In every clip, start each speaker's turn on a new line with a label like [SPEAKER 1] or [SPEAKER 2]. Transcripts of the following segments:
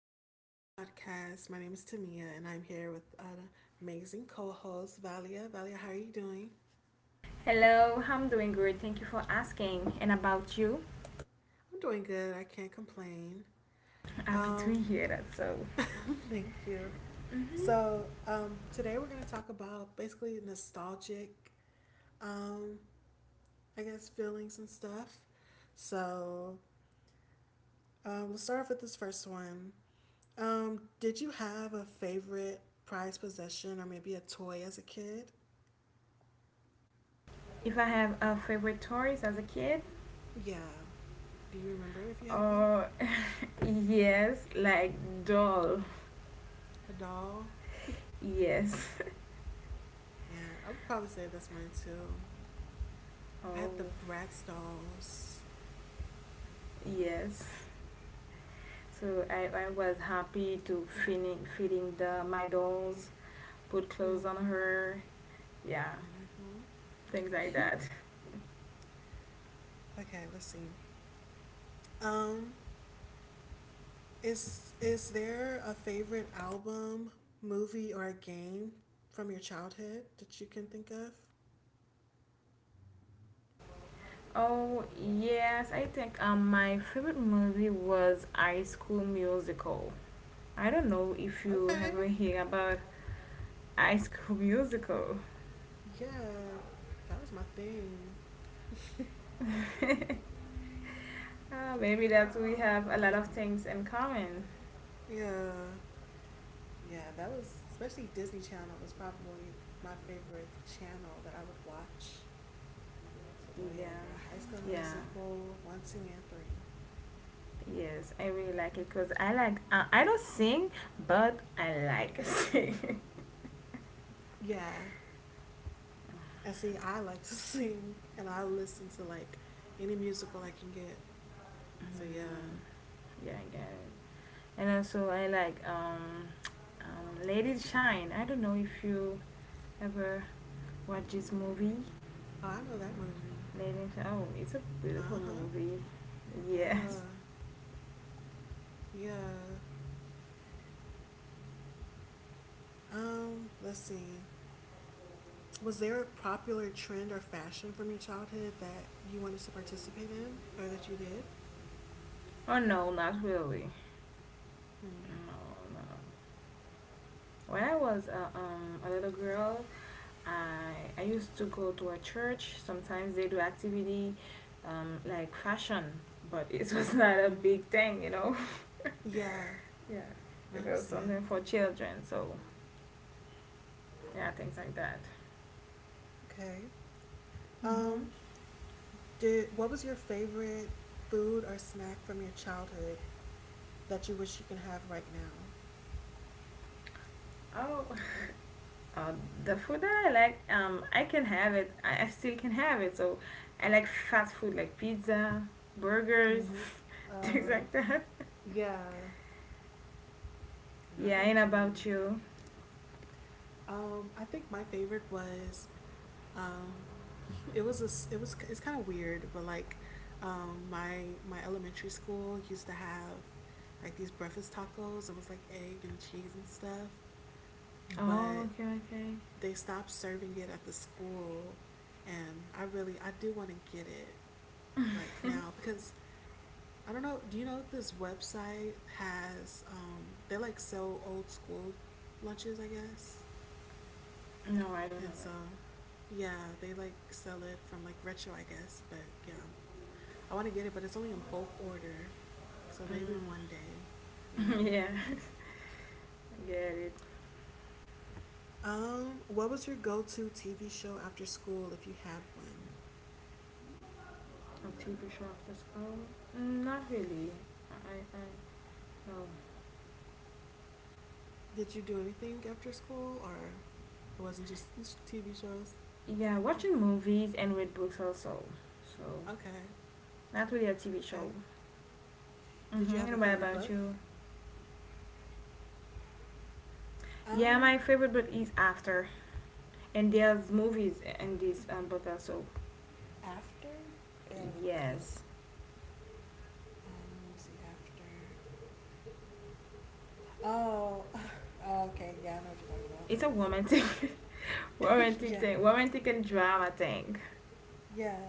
[SPEAKER 1] Welcome back to my podcast. My name is Tamia, and I'm here with an amazing co-host, Valia. Valia, how are you doing?
[SPEAKER 2] Hello, I'm doing good. Thank you for asking. And about you?
[SPEAKER 1] I'm doing good. I can't complain.
[SPEAKER 2] Happy to
[SPEAKER 1] Um,
[SPEAKER 2] hear that. So,
[SPEAKER 1] thank you.
[SPEAKER 2] hmm
[SPEAKER 1] So today we're going to talk about basically nostalgic, um, I guess, feelings and stuff. So let's start off with this first one. Did you have a favorite prized possession or maybe a toy as a kid?
[SPEAKER 2] if I have a favorite toys as a kid,
[SPEAKER 1] Yeah. Do you remember if you have one?
[SPEAKER 2] or yes, like doll,
[SPEAKER 1] A doll?
[SPEAKER 2] yes,
[SPEAKER 1] Yeah, I would probably say that's mine too. I
[SPEAKER 2] oh
[SPEAKER 1] have the Bratz dolls.
[SPEAKER 2] yes. So I was happy to feeding the my dolls, put clothes on
[SPEAKER 1] Hmm.
[SPEAKER 2] her, yeah,
[SPEAKER 1] Mm-hmm.
[SPEAKER 2] things like that.
[SPEAKER 1] Okay, let's see. Um, is there a favorite album, movie, or a game from your childhood that you can think of?
[SPEAKER 2] Oh yes, I think my favorite movie was High School Musical. I don't know if you
[SPEAKER 1] Okay.
[SPEAKER 2] ever hear about High School Musical.
[SPEAKER 1] Yeah, that was my thing.
[SPEAKER 2] Ah, maybe that we have a lot of things in common.
[SPEAKER 1] Yeah, yeah, that was especially Disney Channel was probably my favorite channel that I would watch. So
[SPEAKER 2] Yeah,
[SPEAKER 1] yeah, girl, High School
[SPEAKER 2] yeah,
[SPEAKER 1] Musical one, two, and three.
[SPEAKER 2] yes. I really like it because I like, I don't sing, but I like sing.
[SPEAKER 1] Yeah, and see, I like to sing, and I listen to like any musical I can get. So yeah,
[SPEAKER 2] Yeah, I get it. And also, I like Lady Shine. I don't know if you ever watch this movie.
[SPEAKER 1] oh, I know that movie.
[SPEAKER 2] Lady Shine. Oh, it's a beautiful
[SPEAKER 1] Uh huh.
[SPEAKER 2] movie.
[SPEAKER 1] Yeah,
[SPEAKER 2] Yes.
[SPEAKER 1] yeah. Let's see. Was there a popular trend or fashion from your childhood that you wanted to participate in, or that you did?
[SPEAKER 2] Oh, no, not really.
[SPEAKER 1] Hmm.
[SPEAKER 2] No, no. When I was a little girl, I used to go to a church. Sometimes they do activity like fashion, but it was not a
[SPEAKER 1] Mm-hmm.
[SPEAKER 2] big thing, you know.
[SPEAKER 1] Yeah,
[SPEAKER 2] Yeah,
[SPEAKER 1] no, I
[SPEAKER 2] it was
[SPEAKER 1] understand.
[SPEAKER 2] something for children. So yeah, things like that.
[SPEAKER 1] Okay. Um,
[SPEAKER 2] Hmm
[SPEAKER 1] Did what was your favorite food or snack from your childhood that you wish you can have right now?
[SPEAKER 2] Oh, uh, the food that I like, I can have it. I still can have it. So I like fast food like pizza, burgers,
[SPEAKER 1] Mm-hmm.
[SPEAKER 2] things
[SPEAKER 1] Uh,
[SPEAKER 2] like that.
[SPEAKER 1] yeah. Now I
[SPEAKER 2] Yeah,
[SPEAKER 1] know
[SPEAKER 2] and
[SPEAKER 1] what you
[SPEAKER 2] about
[SPEAKER 1] mean.
[SPEAKER 2] you.
[SPEAKER 1] I think my favorite was um, it was it's kind of weird, but like my elementary school used to have like these breakfast tacos. It was like egg and cheese and stuff,
[SPEAKER 2] Oh,
[SPEAKER 1] but
[SPEAKER 2] okay, okay.
[SPEAKER 1] they stopped serving it at the school, and I do want to get it like now because I don't know. Do you know this website has they like sell old school lunches, I guess,
[SPEAKER 2] No, I don't know.
[SPEAKER 1] and so yeah, they like sell it from like retro, I guess. But yeah, I want to get it, but it's only in bulk order, so maybe one
[SPEAKER 2] Mm,
[SPEAKER 1] day, you know.
[SPEAKER 2] yeah, I get it.
[SPEAKER 1] What was your go-to TV show after school if you had one?
[SPEAKER 2] A TV show after school? Mm, not really. I, I, no.
[SPEAKER 1] Did you do anything after school, or it wasn't just TV shows?
[SPEAKER 2] Yeah, watching movies and read books also. So,
[SPEAKER 1] Okay,
[SPEAKER 2] not really a TV
[SPEAKER 1] okay.
[SPEAKER 2] show.
[SPEAKER 1] Did you have
[SPEAKER 2] Mm-hmm.
[SPEAKER 1] a
[SPEAKER 2] And what
[SPEAKER 1] favorite
[SPEAKER 2] about
[SPEAKER 1] book?
[SPEAKER 2] you? Yeah,
[SPEAKER 1] Um,
[SPEAKER 2] my favorite book is After, and there's movies in this book also.
[SPEAKER 1] After. I gotta look that up.
[SPEAKER 2] Yes,
[SPEAKER 1] Let me see. After. Oh, oh, okay. Yeah, I know what you're talking
[SPEAKER 2] it's a romantic,
[SPEAKER 1] about.
[SPEAKER 2] romantic
[SPEAKER 1] yeah,
[SPEAKER 2] thing, romantic and drama thing.
[SPEAKER 1] yeah,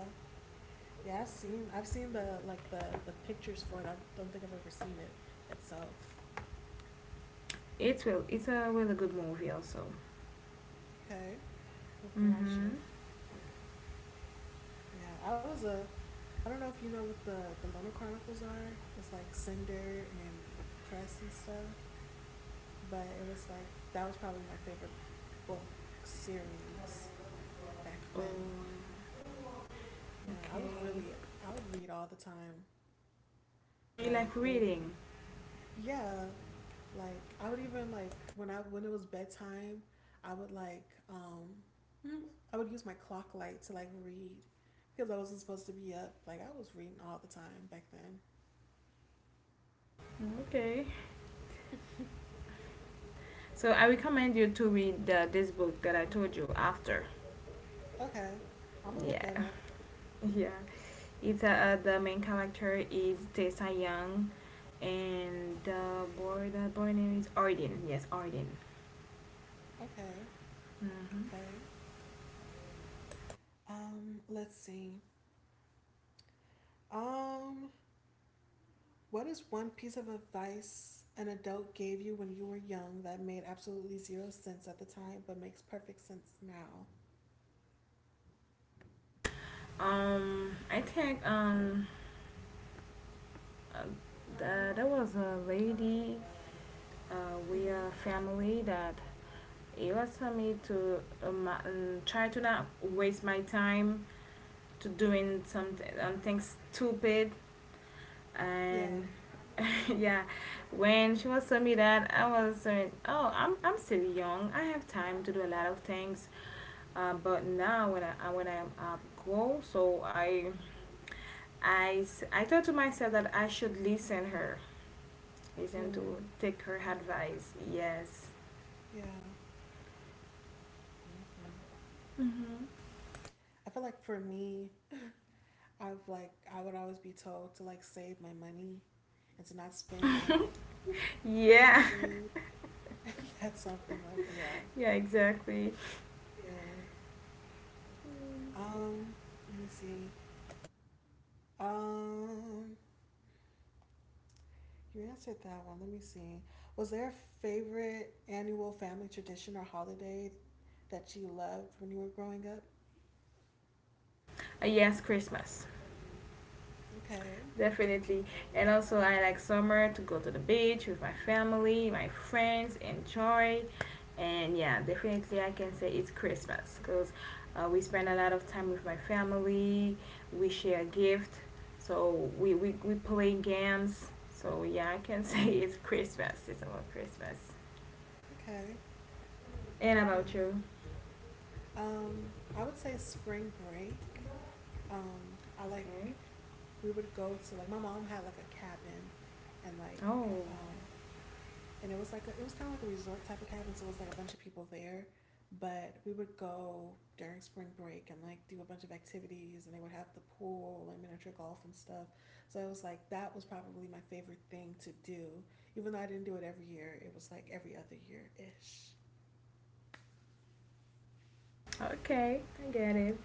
[SPEAKER 1] yeah. I've seen. I've seen the like the pictures for it. I don't think I've ever seen it itself.
[SPEAKER 2] It's a really good movie also.
[SPEAKER 1] Okay, I have to watch
[SPEAKER 2] Mm-hmm.
[SPEAKER 1] it. Yeah, I was a. I don't know if you know what the Loner Chronicles are. It's like Cinder and Crest and stuff. But it was like that was probably my favorite book series back
[SPEAKER 2] Oh,
[SPEAKER 1] then. Yeah, I
[SPEAKER 2] okay.
[SPEAKER 1] was really, I would read all the time.
[SPEAKER 2] You
[SPEAKER 1] Like,
[SPEAKER 2] like
[SPEAKER 1] it would be,
[SPEAKER 2] reading?
[SPEAKER 1] yeah, like, I would even, like, when I, when it was bedtime, I would, like, hmm, I would use my clock light to, like, read because I wasn't supposed to be up. Like, I was reading all the time back then.
[SPEAKER 2] Okay. So I recommend you to read this book that I told you after.
[SPEAKER 1] Okay, I'm gonna look at
[SPEAKER 2] Yeah,
[SPEAKER 1] it.
[SPEAKER 2] yeah. It's the main character is Tessa Young, and the boy name is Arden. Yes, Arden.
[SPEAKER 1] Okay,
[SPEAKER 2] Hmm
[SPEAKER 1] okay. Let's see. Um, What is one piece of advice an adult gave you when you were young that made absolutely zero sense at the time but makes perfect sense now?
[SPEAKER 2] I think uh, there was a lady with
[SPEAKER 1] Hmm.
[SPEAKER 2] a family that it was for me to try to not waste my time to doing something things stupid
[SPEAKER 1] Yeah.
[SPEAKER 2] and yeah, when she was telling me that, I was saying, oh I'm still young, I have time to do a lot of things, but now when I go so I thought to myself that I should listen her listen to
[SPEAKER 1] Mm.
[SPEAKER 2] take her advice, yes.
[SPEAKER 1] Yeah. Mhm.
[SPEAKER 2] Mm-hmm.
[SPEAKER 1] I feel like for me, I've like I would always be told to like save my money and to not spend on like crazy
[SPEAKER 2] Yeah.
[SPEAKER 1] things. That's something like yeah,
[SPEAKER 2] Yeah, exactly.
[SPEAKER 1] yeah. Um, Let me see. Um, You answered that one. Let me see. Was there a favorite annual family tradition or holiday that you loved when you were growing up?
[SPEAKER 2] Yes, Christmas.
[SPEAKER 1] Okay.
[SPEAKER 2] Definitely. And also, I like summer to go to the beach with my family, my friends, enjoy. And yeah, definitely, I can say it's Christmas because we spend a lot of time with my family, we share gift, so we play games. So yeah, I can say it's Christmas. It's about Christmas.
[SPEAKER 1] Okay.
[SPEAKER 2] And
[SPEAKER 1] Yeah.
[SPEAKER 2] about you?
[SPEAKER 1] I would say spring break. I like
[SPEAKER 2] Okay.
[SPEAKER 1] we would go to like my mom had like a cabin and like
[SPEAKER 2] Oh,
[SPEAKER 1] um and it was like a, it was kind of like a resort type of cabin, so it was like a bunch of people there. But we would go during spring break and like do a bunch of activities, and they would have the pool and miniature golf and stuff. So it was like that was probably my favorite thing to do, even though I didn't do it every year. It was like every other year ish.
[SPEAKER 2] okay. I get it.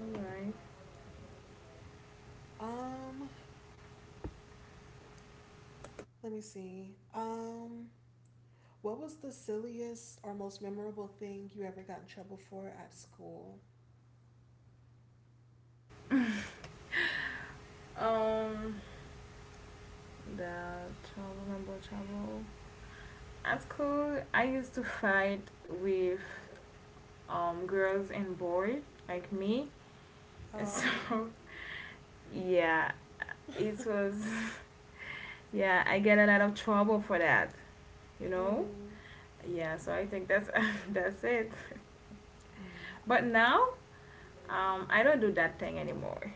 [SPEAKER 2] All right.
[SPEAKER 1] Um, Let me see. What was the silliest or most memorable thing you ever got in trouble for at school?
[SPEAKER 2] Um, the travel, number travel. At school, I used to fight with girls and boys like me. So,
[SPEAKER 1] Oh,
[SPEAKER 2] yeah, it was, yeah, I get a lot of trouble for that, you know?
[SPEAKER 1] hmm.
[SPEAKER 2] Yeah, so I think that's that's it.
[SPEAKER 1] Mm.
[SPEAKER 2] But now, I don't do that thing anymore.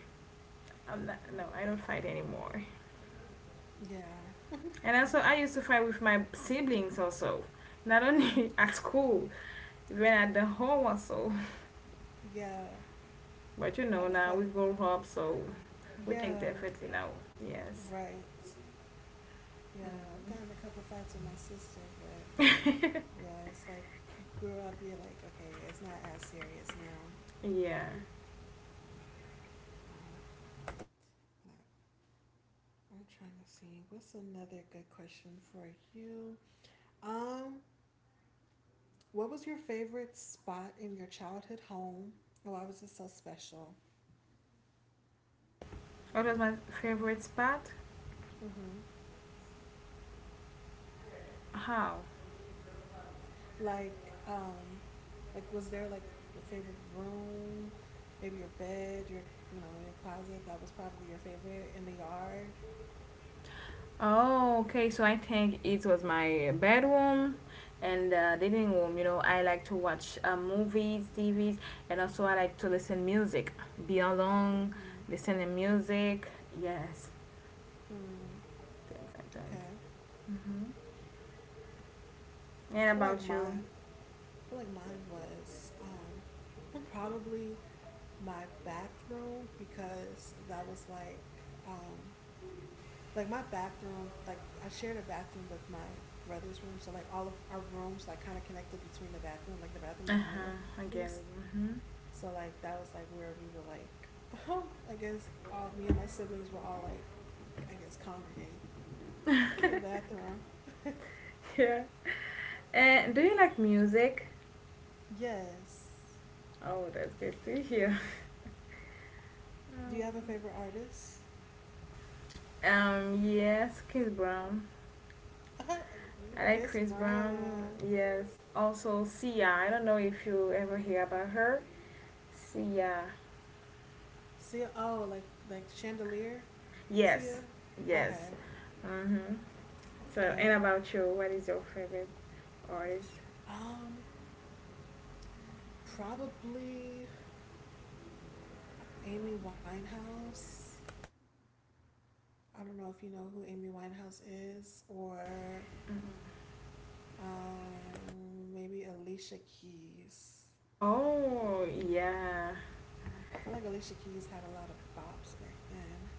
[SPEAKER 2] I'm not, no, I don't fight anymore.
[SPEAKER 1] Yeah.
[SPEAKER 2] And also, I used to fight with my siblings also, not only at school, even at the home also.
[SPEAKER 1] Yeah,
[SPEAKER 2] But you
[SPEAKER 1] I
[SPEAKER 2] know,
[SPEAKER 1] would
[SPEAKER 2] now we
[SPEAKER 1] fight.
[SPEAKER 2] grow up, so we think
[SPEAKER 1] Yeah,
[SPEAKER 2] differently now. Yes.
[SPEAKER 1] right. Yeah, I've gotten a couple fights with my sister, but yeah, it's like you grew up, you're like, okay, it's not as serious now.
[SPEAKER 2] Mhm. Yeah.
[SPEAKER 1] Um, I'm trying to see. What's another good question for you? Um, what was your favorite spot in your childhood home? Why was it so special?
[SPEAKER 2] What was my favorite spot?
[SPEAKER 1] Mm-hmm.
[SPEAKER 2] How?
[SPEAKER 1] Like, um, like was there like a favorite room, maybe your bed, your you know your closet that was probably your favorite in the yard?
[SPEAKER 2] Oh, okay. So I think it was my bedroom and living room. You know, I like to watch movies, TVs, and also I like to listen music. Be alone,
[SPEAKER 1] Mm-hmm.
[SPEAKER 2] listen to music. Yes,
[SPEAKER 1] Hmm.
[SPEAKER 2] things like that.
[SPEAKER 1] Okay.
[SPEAKER 2] Mm-hmm.
[SPEAKER 1] I
[SPEAKER 2] And
[SPEAKER 1] feel like
[SPEAKER 2] about you?
[SPEAKER 1] mine. I feel like mine was well, probably my bathroom because that was um, like my bathroom. Like I shared a bathroom with my brother's room, so like all of our rooms like kind of connected between the bathroom. Like the bathroom was
[SPEAKER 2] Uh
[SPEAKER 1] the middle
[SPEAKER 2] huh. I get
[SPEAKER 1] piece,
[SPEAKER 2] it. Mm-hmm.
[SPEAKER 1] so like that was like where we would like I guess all me and my siblings were all like I guess congregate in the bathroom.
[SPEAKER 2] Yeah. And do you like music?
[SPEAKER 1] Yes.
[SPEAKER 2] Oh, that's good to hear.
[SPEAKER 1] Do
[SPEAKER 2] Um,
[SPEAKER 1] you have a favorite artist?
[SPEAKER 2] Yes, Chris Brown. I like
[SPEAKER 1] Chris
[SPEAKER 2] Chris Brown.
[SPEAKER 1] Brown.
[SPEAKER 2] Yes. Also, Sia. I don't know if you ever hear about her. Sia.
[SPEAKER 1] Sia. Oh, like Chandelier.
[SPEAKER 2] Yes,
[SPEAKER 1] Sia.
[SPEAKER 2] yes.
[SPEAKER 1] Okay.
[SPEAKER 2] Mm-hmm. So, and
[SPEAKER 1] Okay.
[SPEAKER 2] about you, what is your favorite artist?
[SPEAKER 1] Um, Probably Amy Winehouse. I don't know if you know who Amy Winehouse is, or
[SPEAKER 2] Mhm.
[SPEAKER 1] maybe Alicia Keys.
[SPEAKER 2] Oh, yeah.
[SPEAKER 1] And I feel like Alicia Keys had a lot of bops back then.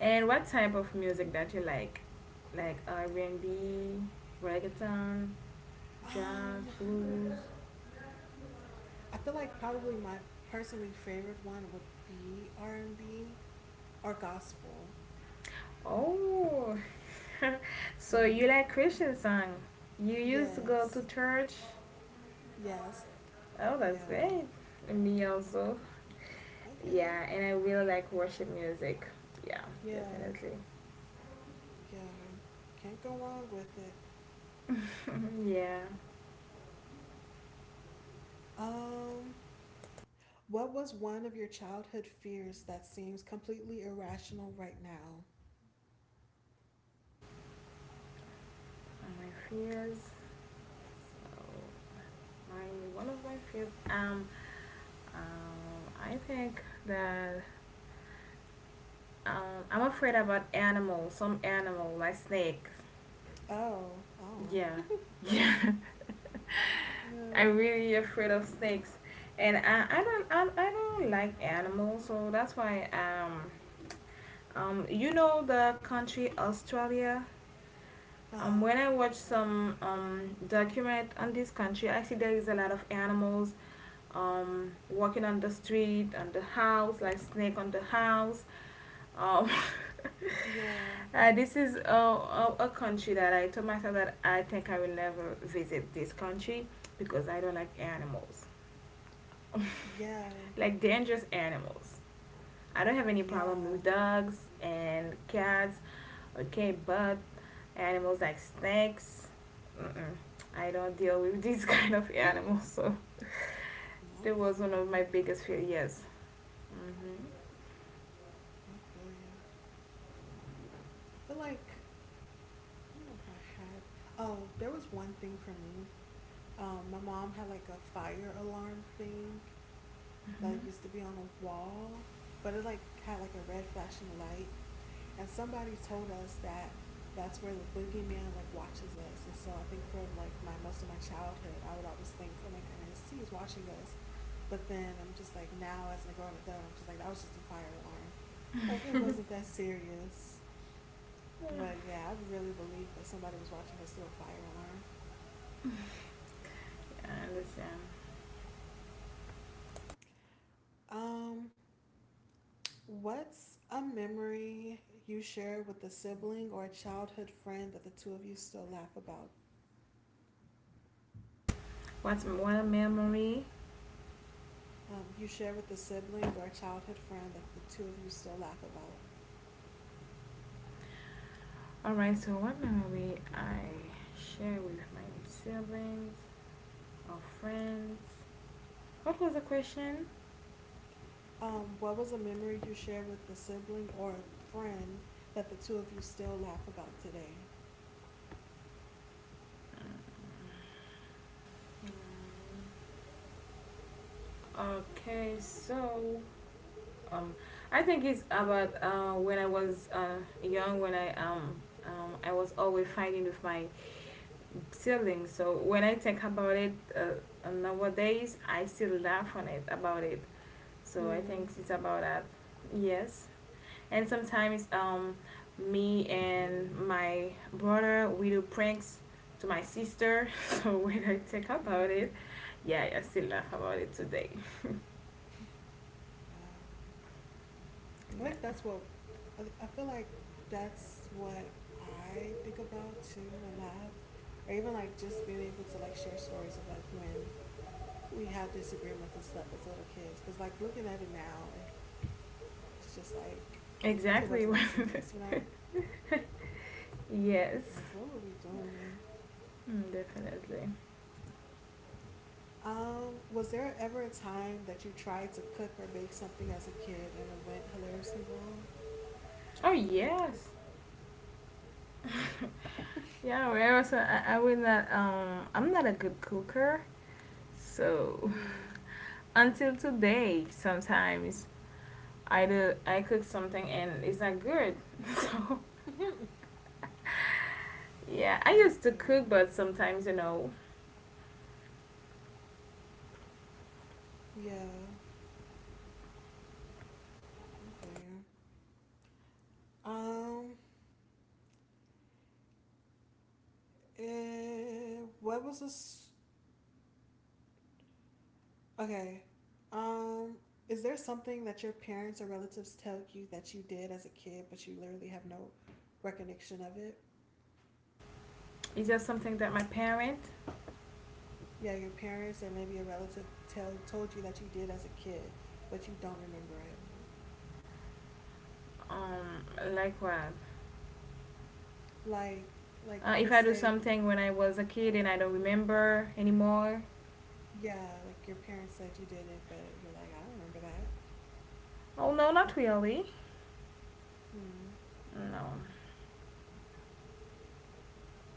[SPEAKER 2] And what type of music that you like? Like R&B, reggaeton, jazz,
[SPEAKER 1] Um,
[SPEAKER 2] blues.
[SPEAKER 1] I feel like probably my personally favorite one would be R and B or gospel.
[SPEAKER 2] Oh. so you
[SPEAKER 1] Yeah.
[SPEAKER 2] like Christian song. You used to go
[SPEAKER 1] Yes.
[SPEAKER 2] to church?
[SPEAKER 1] Yes.
[SPEAKER 2] Oh, that's
[SPEAKER 1] Yeah.
[SPEAKER 2] great. And me also.
[SPEAKER 1] Hmm. Okay.
[SPEAKER 2] Yeah, and I really like worship music. Yeah,
[SPEAKER 1] Yeah.
[SPEAKER 2] definitely.
[SPEAKER 1] Yeah. Can't go wrong with it.
[SPEAKER 2] Mhm. Yeah,
[SPEAKER 1] Um, what was one of your childhood fears that seems completely irrational right now?
[SPEAKER 2] and my fears. So my one of my fears. Um, I think that I'm afraid about animals. Some animal like snakes.
[SPEAKER 1] Oh. Oh.
[SPEAKER 2] Yeah, yeah. I'm
[SPEAKER 1] Yeah.
[SPEAKER 2] really afraid of snakes, and I don't like animals. So that's why you know the country Australia.
[SPEAKER 1] Uh huh.
[SPEAKER 2] When I watch some document on this country, I see there is a lot of animals walking on the street, on the house, like snake on the house. Um,
[SPEAKER 1] Yeah.
[SPEAKER 2] this is a, country that I told myself that I think I will never visit this country because I don't like animals,
[SPEAKER 1] Yeah.
[SPEAKER 2] like dangerous animals. I don't have any problem
[SPEAKER 1] Yeah.
[SPEAKER 2] with dogs and cats. Okay, but animals like snakes, mm-mm, I don't deal with these kind of
[SPEAKER 1] Mhm.
[SPEAKER 2] animals. So
[SPEAKER 1] I
[SPEAKER 2] that was
[SPEAKER 1] feel
[SPEAKER 2] one of
[SPEAKER 1] you.
[SPEAKER 2] my biggest failures. Mm-hmm.
[SPEAKER 1] I feel you. I feel like I don't know if I had. Oh, there was one thing for me. My mom had like a fire alarm thing that
[SPEAKER 2] Mm-hmm.
[SPEAKER 1] used to be on a wall, but it like had like a red flashing light, and somebody told us that that's where the boogeyman like watches us. And so I think for like my most of my childhood, I would always think, oh my goodness, he is watching us. But then I'm just like now as a grown adult, I'm just like that was just a fire alarm. Like it wasn't that serious.
[SPEAKER 2] Yeah,
[SPEAKER 1] But yeah, I really believe that somebody was watching us through a fire alarm.
[SPEAKER 2] I understand.
[SPEAKER 1] Um, what's a memory you share with a sibling or a childhood friend that the two of you still laugh about?
[SPEAKER 2] What's what a memory?
[SPEAKER 1] You share with a sibling or a childhood friend that the two of you still laugh about.
[SPEAKER 2] All right. So what memory I share with my siblings or friends? What was the question?
[SPEAKER 1] What was a memory you shared with a sibling or a friend that the two of you still laugh about today?
[SPEAKER 2] Mm, okay, so Um, I think it's about when I was young, when I was always fighting with my siblings. So when I think about it nowadays, I still laugh on it about it. So I
[SPEAKER 1] Hmm.
[SPEAKER 2] think it's about that. Yes, and sometimes me and my brother we do pranks to my sister. So when I think about
[SPEAKER 1] Hmm.
[SPEAKER 2] it, yeah, I still laugh about it today.
[SPEAKER 1] Yeah. I
[SPEAKER 2] Yeah,
[SPEAKER 1] think that's what I feel like that's what I think about too and laugh. Or even like just being able to like share stories of like when we had disagreements and stuff as little kids. Cause like looking at it now, it's just like it wasn't that serious, you know?
[SPEAKER 2] exactly.
[SPEAKER 1] Like what
[SPEAKER 2] yes.
[SPEAKER 1] were we doing?
[SPEAKER 2] Mm, definitely.
[SPEAKER 1] Was there ever a time that you tried to cook or bake something as a kid and it went hilariously wrong?
[SPEAKER 2] Oh yes. Yeah, well, also I'm not a good cooker. So
[SPEAKER 1] Hmm.
[SPEAKER 2] until today sometimes I cook something and it's not good. Yeah, I
[SPEAKER 1] Yeah, I
[SPEAKER 2] used to
[SPEAKER 1] feel
[SPEAKER 2] cook
[SPEAKER 1] you.
[SPEAKER 2] but sometimes you know
[SPEAKER 1] Yeah, I feel you. Um, what was this? Okay. Um, is there something that your parents or relatives tell you that you did as a kid, but you literally have no recollection of it?
[SPEAKER 2] it's just something that my parent
[SPEAKER 1] Yeah, your parents or maybe a relative tell told you that you did as a kid, but you don't remember it.
[SPEAKER 2] um like what
[SPEAKER 1] Like, like
[SPEAKER 2] if
[SPEAKER 1] let's
[SPEAKER 2] I do
[SPEAKER 1] say,
[SPEAKER 2] something when I was a kid and I don't remember anymore.
[SPEAKER 1] yeah, like your parents said you did it, but you're like, I don't remember that.
[SPEAKER 2] Oh no, not really.
[SPEAKER 1] Hmm.
[SPEAKER 2] No.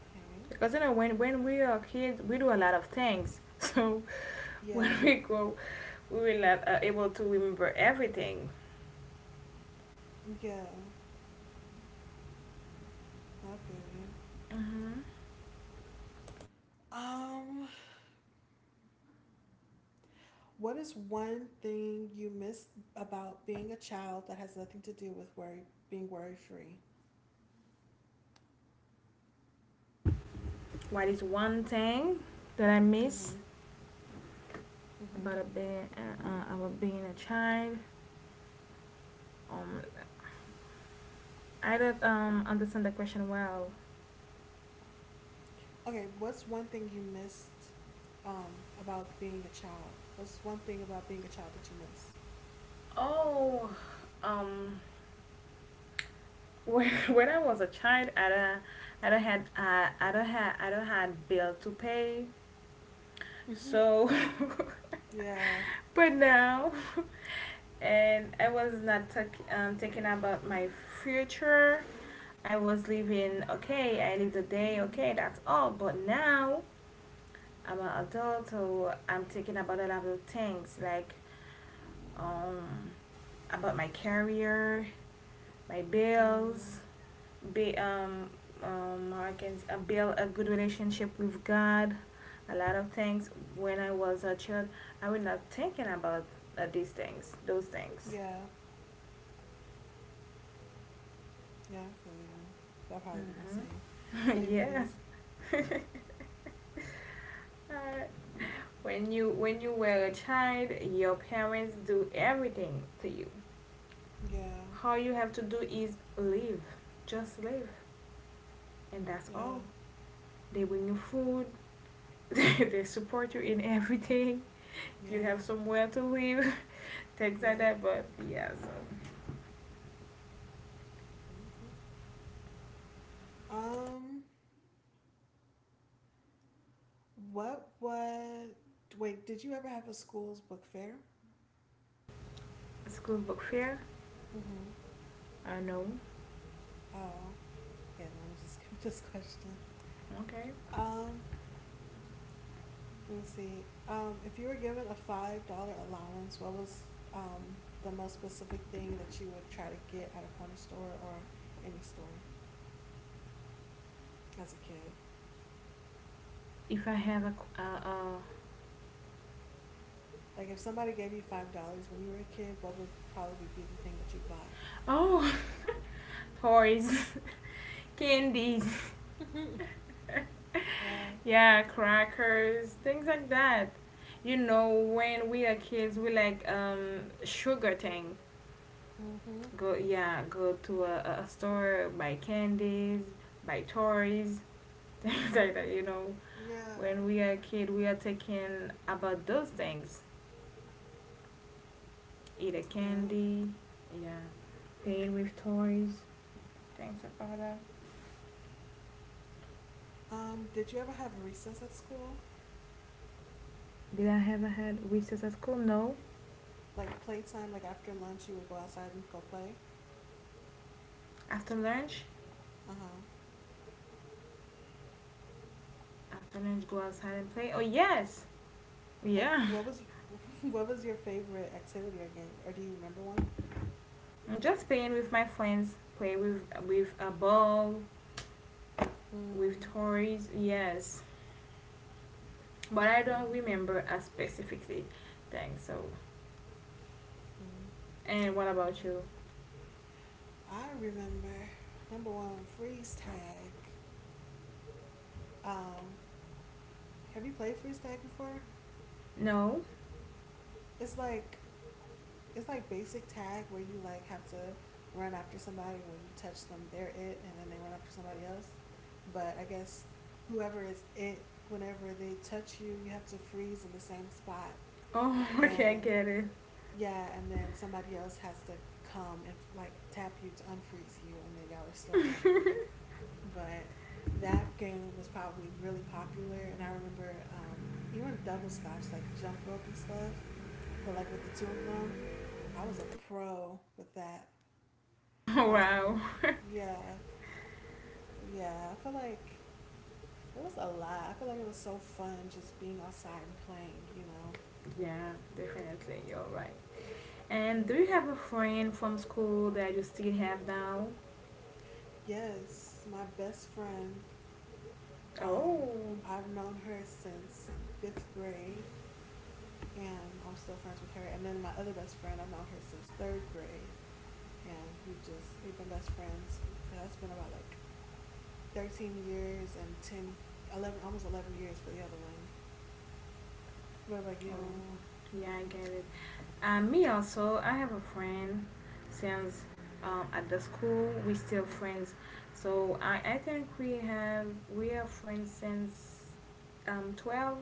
[SPEAKER 1] Okay.
[SPEAKER 2] Because you know when we are kids we do a lot of things. So
[SPEAKER 1] Yeah.
[SPEAKER 2] we go. We will not able to remember everything.
[SPEAKER 1] Yeah. I feel you.
[SPEAKER 2] Mm-hmm.
[SPEAKER 1] Um. What is one thing you miss about being a child that has nothing to do with worry, being worry free?
[SPEAKER 2] What is one thing that I miss
[SPEAKER 1] Mhm. Mhm.
[SPEAKER 2] about a being about being a child? Um, I don't understand the question well.
[SPEAKER 1] Okay, what's one thing you missed about being a child? What's one thing about being a child that you miss?
[SPEAKER 2] Oh, um, when, when I was a child, I don't had I don't had I don't had bill to pay.
[SPEAKER 1] Mhm.
[SPEAKER 2] So,
[SPEAKER 1] Yeah.
[SPEAKER 2] but now, and I was not talk, thinking about my future. I was living okay, I lived the day okay, that's all. But now I'm an adult, so I'm thinking about a lot of things like um about my career, my
[SPEAKER 1] Mm.
[SPEAKER 2] bills, be how I can build a good relationship with God, a lot of things. When I was a child, I was not thinking about those things.
[SPEAKER 1] Yeah. Yeah, I feel you. That probably be my same
[SPEAKER 2] Hmm
[SPEAKER 1] same thing.
[SPEAKER 2] Yes. Uh, when you when you were a child, your parents do everything to you.
[SPEAKER 1] Yeah.
[SPEAKER 2] All you have to do is live, just live, and that's
[SPEAKER 1] Yeah.
[SPEAKER 2] all. They bring you food, they support you in everything. You
[SPEAKER 1] Yeah.
[SPEAKER 2] have somewhere to live, things like
[SPEAKER 1] Yep.
[SPEAKER 2] that. But yeah, so
[SPEAKER 1] Mhm. Um What was. Wait, did you ever have a school's book fair?
[SPEAKER 2] school book fair.
[SPEAKER 1] Mm hmm.
[SPEAKER 2] I know.
[SPEAKER 1] Oh, okay, then I'm gonna just skip this question.
[SPEAKER 2] Okay.
[SPEAKER 1] Um, Let me see. If you were given a $5 allowance, what was um, the most specific thing that you would try to get at a corner store or any store as a kid?
[SPEAKER 2] If I have a, uh, uh
[SPEAKER 1] Like, if somebody gave you $5 when you were a kid, what would probably be the thing that you bought?
[SPEAKER 2] oh, toys, candies.
[SPEAKER 1] Yeah.
[SPEAKER 2] Yeah, crackers, things like that. You know, when we are kids, we like sugar thing.
[SPEAKER 1] Mm hmm.
[SPEAKER 2] Go, yeah, go to a, a store, buy candies, buy toys, things like that. You know,
[SPEAKER 1] Yeah.
[SPEAKER 2] when we are a kid, we are taking about those things. Eat a
[SPEAKER 1] Yeah.
[SPEAKER 2] candy, yeah, playing with toys, things about that.
[SPEAKER 1] Did you ever have recess at school?
[SPEAKER 2] Did I ever had recess at school? No.
[SPEAKER 1] Like playtime, like after lunch, you would go outside and go play.
[SPEAKER 2] After lunch,
[SPEAKER 1] Uh huh.
[SPEAKER 2] after lunch, go outside and play. Oh yes, yeah.
[SPEAKER 1] What was What was your favorite activity or game, or do you remember one?
[SPEAKER 2] I'm just playing with my friends, play with a ball, with
[SPEAKER 1] Mm,
[SPEAKER 2] toys, yes. But I don't
[SPEAKER 1] yeah.
[SPEAKER 2] remember a specifically thing. So,
[SPEAKER 1] mm,
[SPEAKER 2] and what
[SPEAKER 1] I'm
[SPEAKER 2] about
[SPEAKER 1] like-
[SPEAKER 2] you?
[SPEAKER 1] I remember number one freeze tag. Um, have you played freeze tag before?
[SPEAKER 2] No.
[SPEAKER 1] It's like it's like basic tag where you, like, have to run after somebody, and when you touch them, they're it, and then they run after somebody else. But I guess whoever is it, whenever they touch you, you have to freeze in the same spot.
[SPEAKER 2] Oh, okay, I
[SPEAKER 1] And
[SPEAKER 2] get it.
[SPEAKER 1] yeah, and then somebody else has to come and, like, tap you to unfreeze you, and then y'all are still running. But that game was probably really popular. And I remember, even double scotch, like jump rope and stuff, but, like, with the two of them, I was a pro with that. I was a pro
[SPEAKER 2] wow.
[SPEAKER 1] with. Yeah, yeah. I feel like it was a lot. I feel like it was so fun just being outside and playing.
[SPEAKER 2] Yeah, definitely, you're right. And do you
[SPEAKER 1] hmm
[SPEAKER 2] have a friend from school that you still have now?
[SPEAKER 1] Yes, my best friend. Um,
[SPEAKER 2] Oh.
[SPEAKER 1] I've known her since fifth grade, and I'm still friends with her. And then my other best friend, I've known her since third grade, and we've been best friends. For, that's been about like 13 years and 10, 11, almost 11 years for the other one. What about you?
[SPEAKER 2] Oh, yeah, I get it. And me also, I have a friend since at the school we still friends. So I think we have we are friends since 12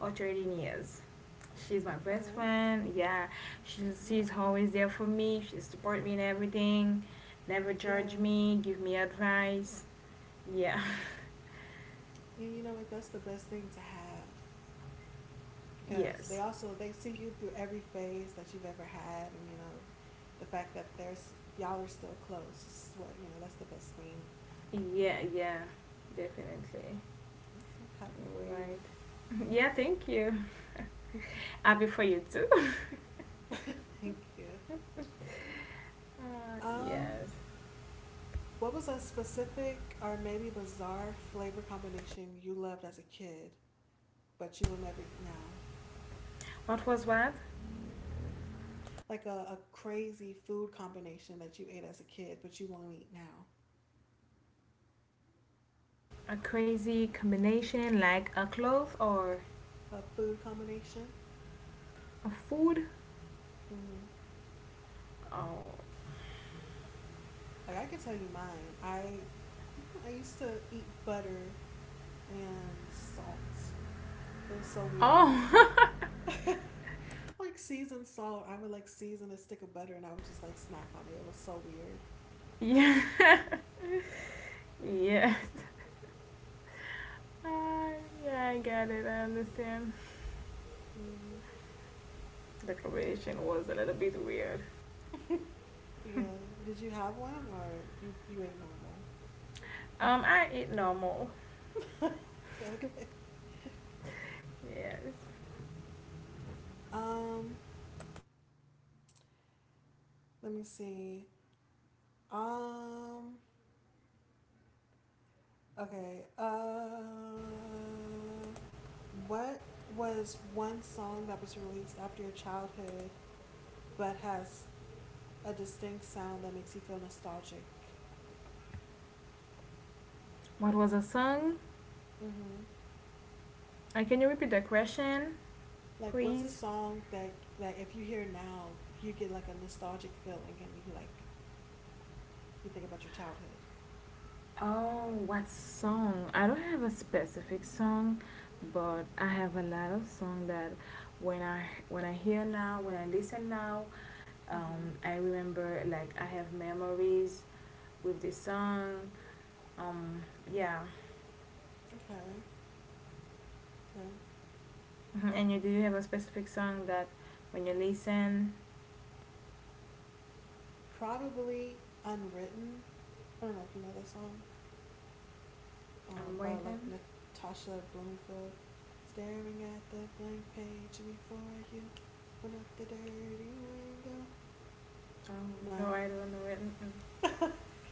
[SPEAKER 2] or 13 years. She's my best
[SPEAKER 1] Okay.
[SPEAKER 2] friend. Yeah, she's
[SPEAKER 1] Yeah.
[SPEAKER 2] always there for me. She support me in everything, never judge
[SPEAKER 1] Yeah.
[SPEAKER 2] me, give me advice. Yeah,
[SPEAKER 1] And you know what? That's the best thing to have, because they
[SPEAKER 2] yes,
[SPEAKER 1] also they see you through every phase that you've ever had, and the fact that there's y'all are still close is what. That's the best thing.
[SPEAKER 2] yeah, yeah, definitely.
[SPEAKER 1] So I'm happy for you.
[SPEAKER 2] Right. Yeah, thank you. Happy for you too.
[SPEAKER 1] Thank you.
[SPEAKER 2] Uh,
[SPEAKER 1] Um,
[SPEAKER 2] yes.
[SPEAKER 1] what was a specific or maybe bizarre flavor combination you loved as a kid, but you will never eat now?
[SPEAKER 2] What was what?
[SPEAKER 1] Like a crazy food combination that you ate as a kid, but you won't eat now.
[SPEAKER 2] A crazy combination like a cloth or
[SPEAKER 1] A food combination?
[SPEAKER 2] a food?
[SPEAKER 1] Mm-hmm.
[SPEAKER 2] Oh.
[SPEAKER 1] Like I could tell you mine. I used to eat butter and salt. It was so weird.
[SPEAKER 2] Oh.
[SPEAKER 1] Like seasoned salt, I would like season a stick of butter, and I would just like snack on it. It was so weird.
[SPEAKER 2] yeah. Yeah. Uh, yeah, I get it. I understand.
[SPEAKER 1] Mm.
[SPEAKER 2] The combination was a little bit weird.
[SPEAKER 1] Yeah. Did you have one, or you ate normal?
[SPEAKER 2] I eat normal. Yes.
[SPEAKER 1] Um, Let me see. Um, okay. What was one song that was released after your childhood but has a distinct sound that makes you feel nostalgic?
[SPEAKER 2] What was a song?
[SPEAKER 1] hmm
[SPEAKER 2] Can you repeat the question,
[SPEAKER 1] Like, what's a
[SPEAKER 2] please?
[SPEAKER 1] song that, like, if you hear now, you get like a nostalgic feeling, and you think about your childhood?
[SPEAKER 2] Oh, what song? I don't have a specific song, but I have a lot of song that when I when I hear now, when I listen now,
[SPEAKER 1] Hmm.
[SPEAKER 2] I remember like I have memories with this song. Um, yeah.
[SPEAKER 1] Okay, okay.
[SPEAKER 2] Mhm. And you do you have a specific song that when you listen,
[SPEAKER 1] Probably Unwritten. I don't know if you know that song,
[SPEAKER 2] I'm
[SPEAKER 1] by like
[SPEAKER 2] waiting.
[SPEAKER 1] Natasha Bloomfield. Staring at the blank page before you, open up the dirty window.
[SPEAKER 2] Oh no,
[SPEAKER 1] No.
[SPEAKER 2] I don't know it. Mm,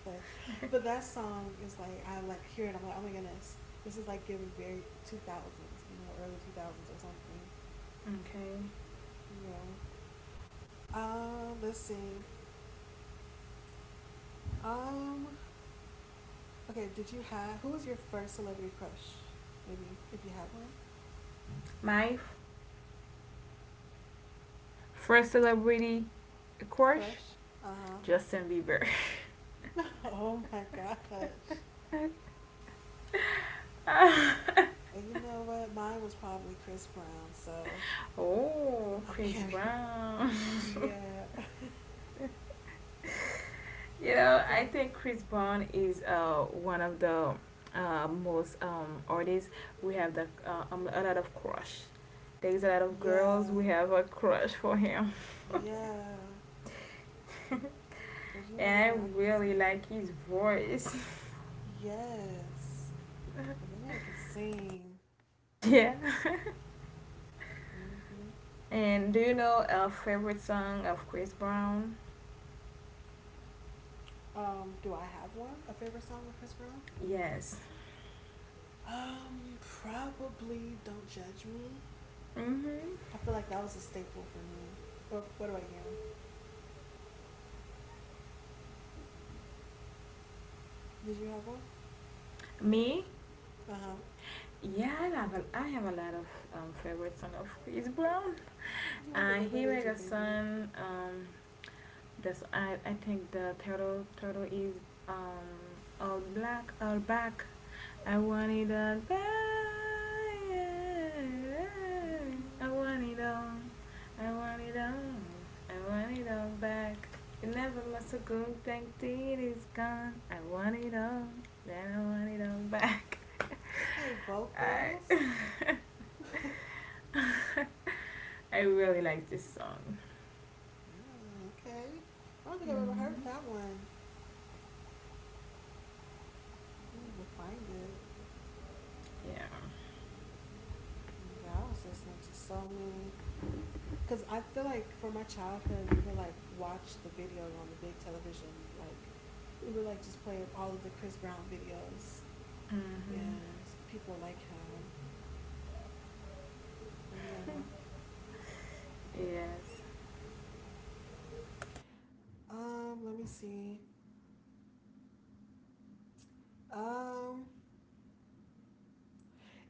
[SPEAKER 1] Okay. But that song is like, I like hear it. I'm like, oh my goodness, this is like giving very 2000s, early 2000s or something.
[SPEAKER 2] okay.
[SPEAKER 1] You know. Let's see. Um, okay. Did you have Who was your first celebrity crush? Maybe if you had one
[SPEAKER 2] My first celebrity crush,
[SPEAKER 1] crush. Uh
[SPEAKER 2] Justin Bieber.
[SPEAKER 1] huh. Oh my gosh. And you know what? Mine was probably Chris Brown, so
[SPEAKER 2] Oh,
[SPEAKER 1] I
[SPEAKER 2] Chris
[SPEAKER 1] can't even.
[SPEAKER 2] Brown.
[SPEAKER 1] Yeah.
[SPEAKER 2] You know, I
[SPEAKER 1] So,
[SPEAKER 2] think Chris Brown is one of the most artists. We have the a lot of crush. There's a lot of girls.
[SPEAKER 1] yeah.
[SPEAKER 2] We have a crush for him,
[SPEAKER 1] Yeah. But you know
[SPEAKER 2] and I
[SPEAKER 1] what? I can
[SPEAKER 2] really
[SPEAKER 1] see it.
[SPEAKER 2] like his voice.
[SPEAKER 1] Yes. Like that man can sing.
[SPEAKER 2] yeah.
[SPEAKER 1] Mm hmm.
[SPEAKER 2] And do you know our favorite song of Chris Brown?
[SPEAKER 1] Do I have one? A favorite song of Chris Brown?
[SPEAKER 2] Yes.
[SPEAKER 1] Probably "Don't Judge Me."
[SPEAKER 2] Mhm.
[SPEAKER 1] I feel like that was a staple for me. What about you? Did you have one?
[SPEAKER 2] Me?
[SPEAKER 1] Uh huh.
[SPEAKER 2] Yeah, I have a lot of favorite song of Chris Brown.
[SPEAKER 1] I forgot
[SPEAKER 2] He
[SPEAKER 1] that is
[SPEAKER 2] make
[SPEAKER 1] your
[SPEAKER 2] a
[SPEAKER 1] favorite.
[SPEAKER 2] song. That's I think the turtle is all black all back. I want it all back. I
[SPEAKER 1] Mm,
[SPEAKER 2] want it all. I want it all. I want it all back. It never must have gone. Thank it is gone. I want it all. Then I want it all back.
[SPEAKER 1] okay,
[SPEAKER 2] I
[SPEAKER 1] vocals.
[SPEAKER 2] I really like this song.
[SPEAKER 1] Yeah, okay. I don't think I've ever heard
[SPEAKER 2] Mm-hmm.
[SPEAKER 1] that one. You need to find it.
[SPEAKER 2] Yeah.
[SPEAKER 1] God, I was listening to so many. Because I feel like for my childhood, we would like watch the videos on the big television. Like, we would like just play up all of the Chris Brown videos,
[SPEAKER 2] Mm-hmm.
[SPEAKER 1] and people like him. But yeah.
[SPEAKER 2] Yes.
[SPEAKER 1] Let me see. Um,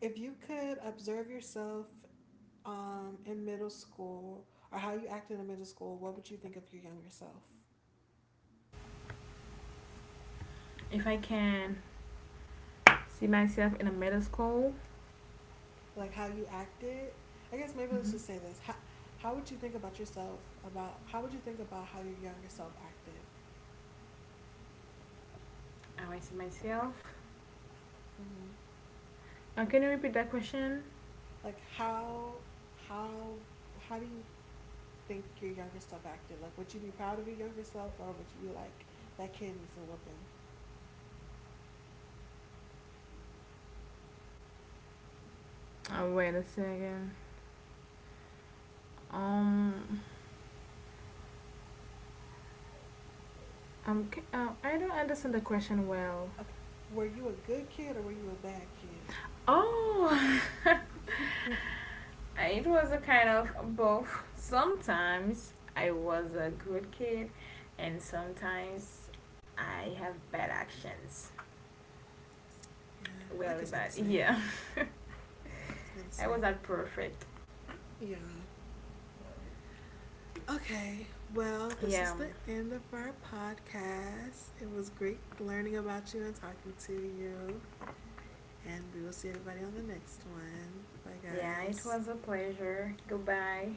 [SPEAKER 1] if you could observe yourself, in middle school, or how you acted in middle school, what would you think of your younger self?
[SPEAKER 2] If I can see myself in a middle school?
[SPEAKER 1] Like how you acted? I guess maybe let's
[SPEAKER 2] Mm-hmm.
[SPEAKER 1] just say this. How would you think about yourself? About how would you think about how your younger self acted?
[SPEAKER 2] How I see myself?
[SPEAKER 1] Mm-hmm.
[SPEAKER 2] Can you repeat that question?
[SPEAKER 1] like how how how do you think your younger self acted? Like, would you be proud of your younger self, or would you be like, that kid needs a whooping?
[SPEAKER 2] Oh wait a second. Um, okay, I don't understand the question well.
[SPEAKER 1] Okay. Were you a good kid or were you a bad kid?
[SPEAKER 2] Oh, it was a kind of both. Sometimes I was a good kid, and sometimes I have bad actions.
[SPEAKER 1] Yeah, I
[SPEAKER 2] Really
[SPEAKER 1] could say the
[SPEAKER 2] bad.
[SPEAKER 1] same.
[SPEAKER 2] Yeah,
[SPEAKER 1] I could say the
[SPEAKER 2] I was
[SPEAKER 1] same.
[SPEAKER 2] not perfect.
[SPEAKER 1] Yeah. Okay, well, this is
[SPEAKER 2] Yeah,
[SPEAKER 1] the end of our podcast. It was great learning about you and talking to you. And we will see everybody on the next one. Bye,
[SPEAKER 2] yeah, it
[SPEAKER 1] guys.
[SPEAKER 2] was a pleasure. Goodbye.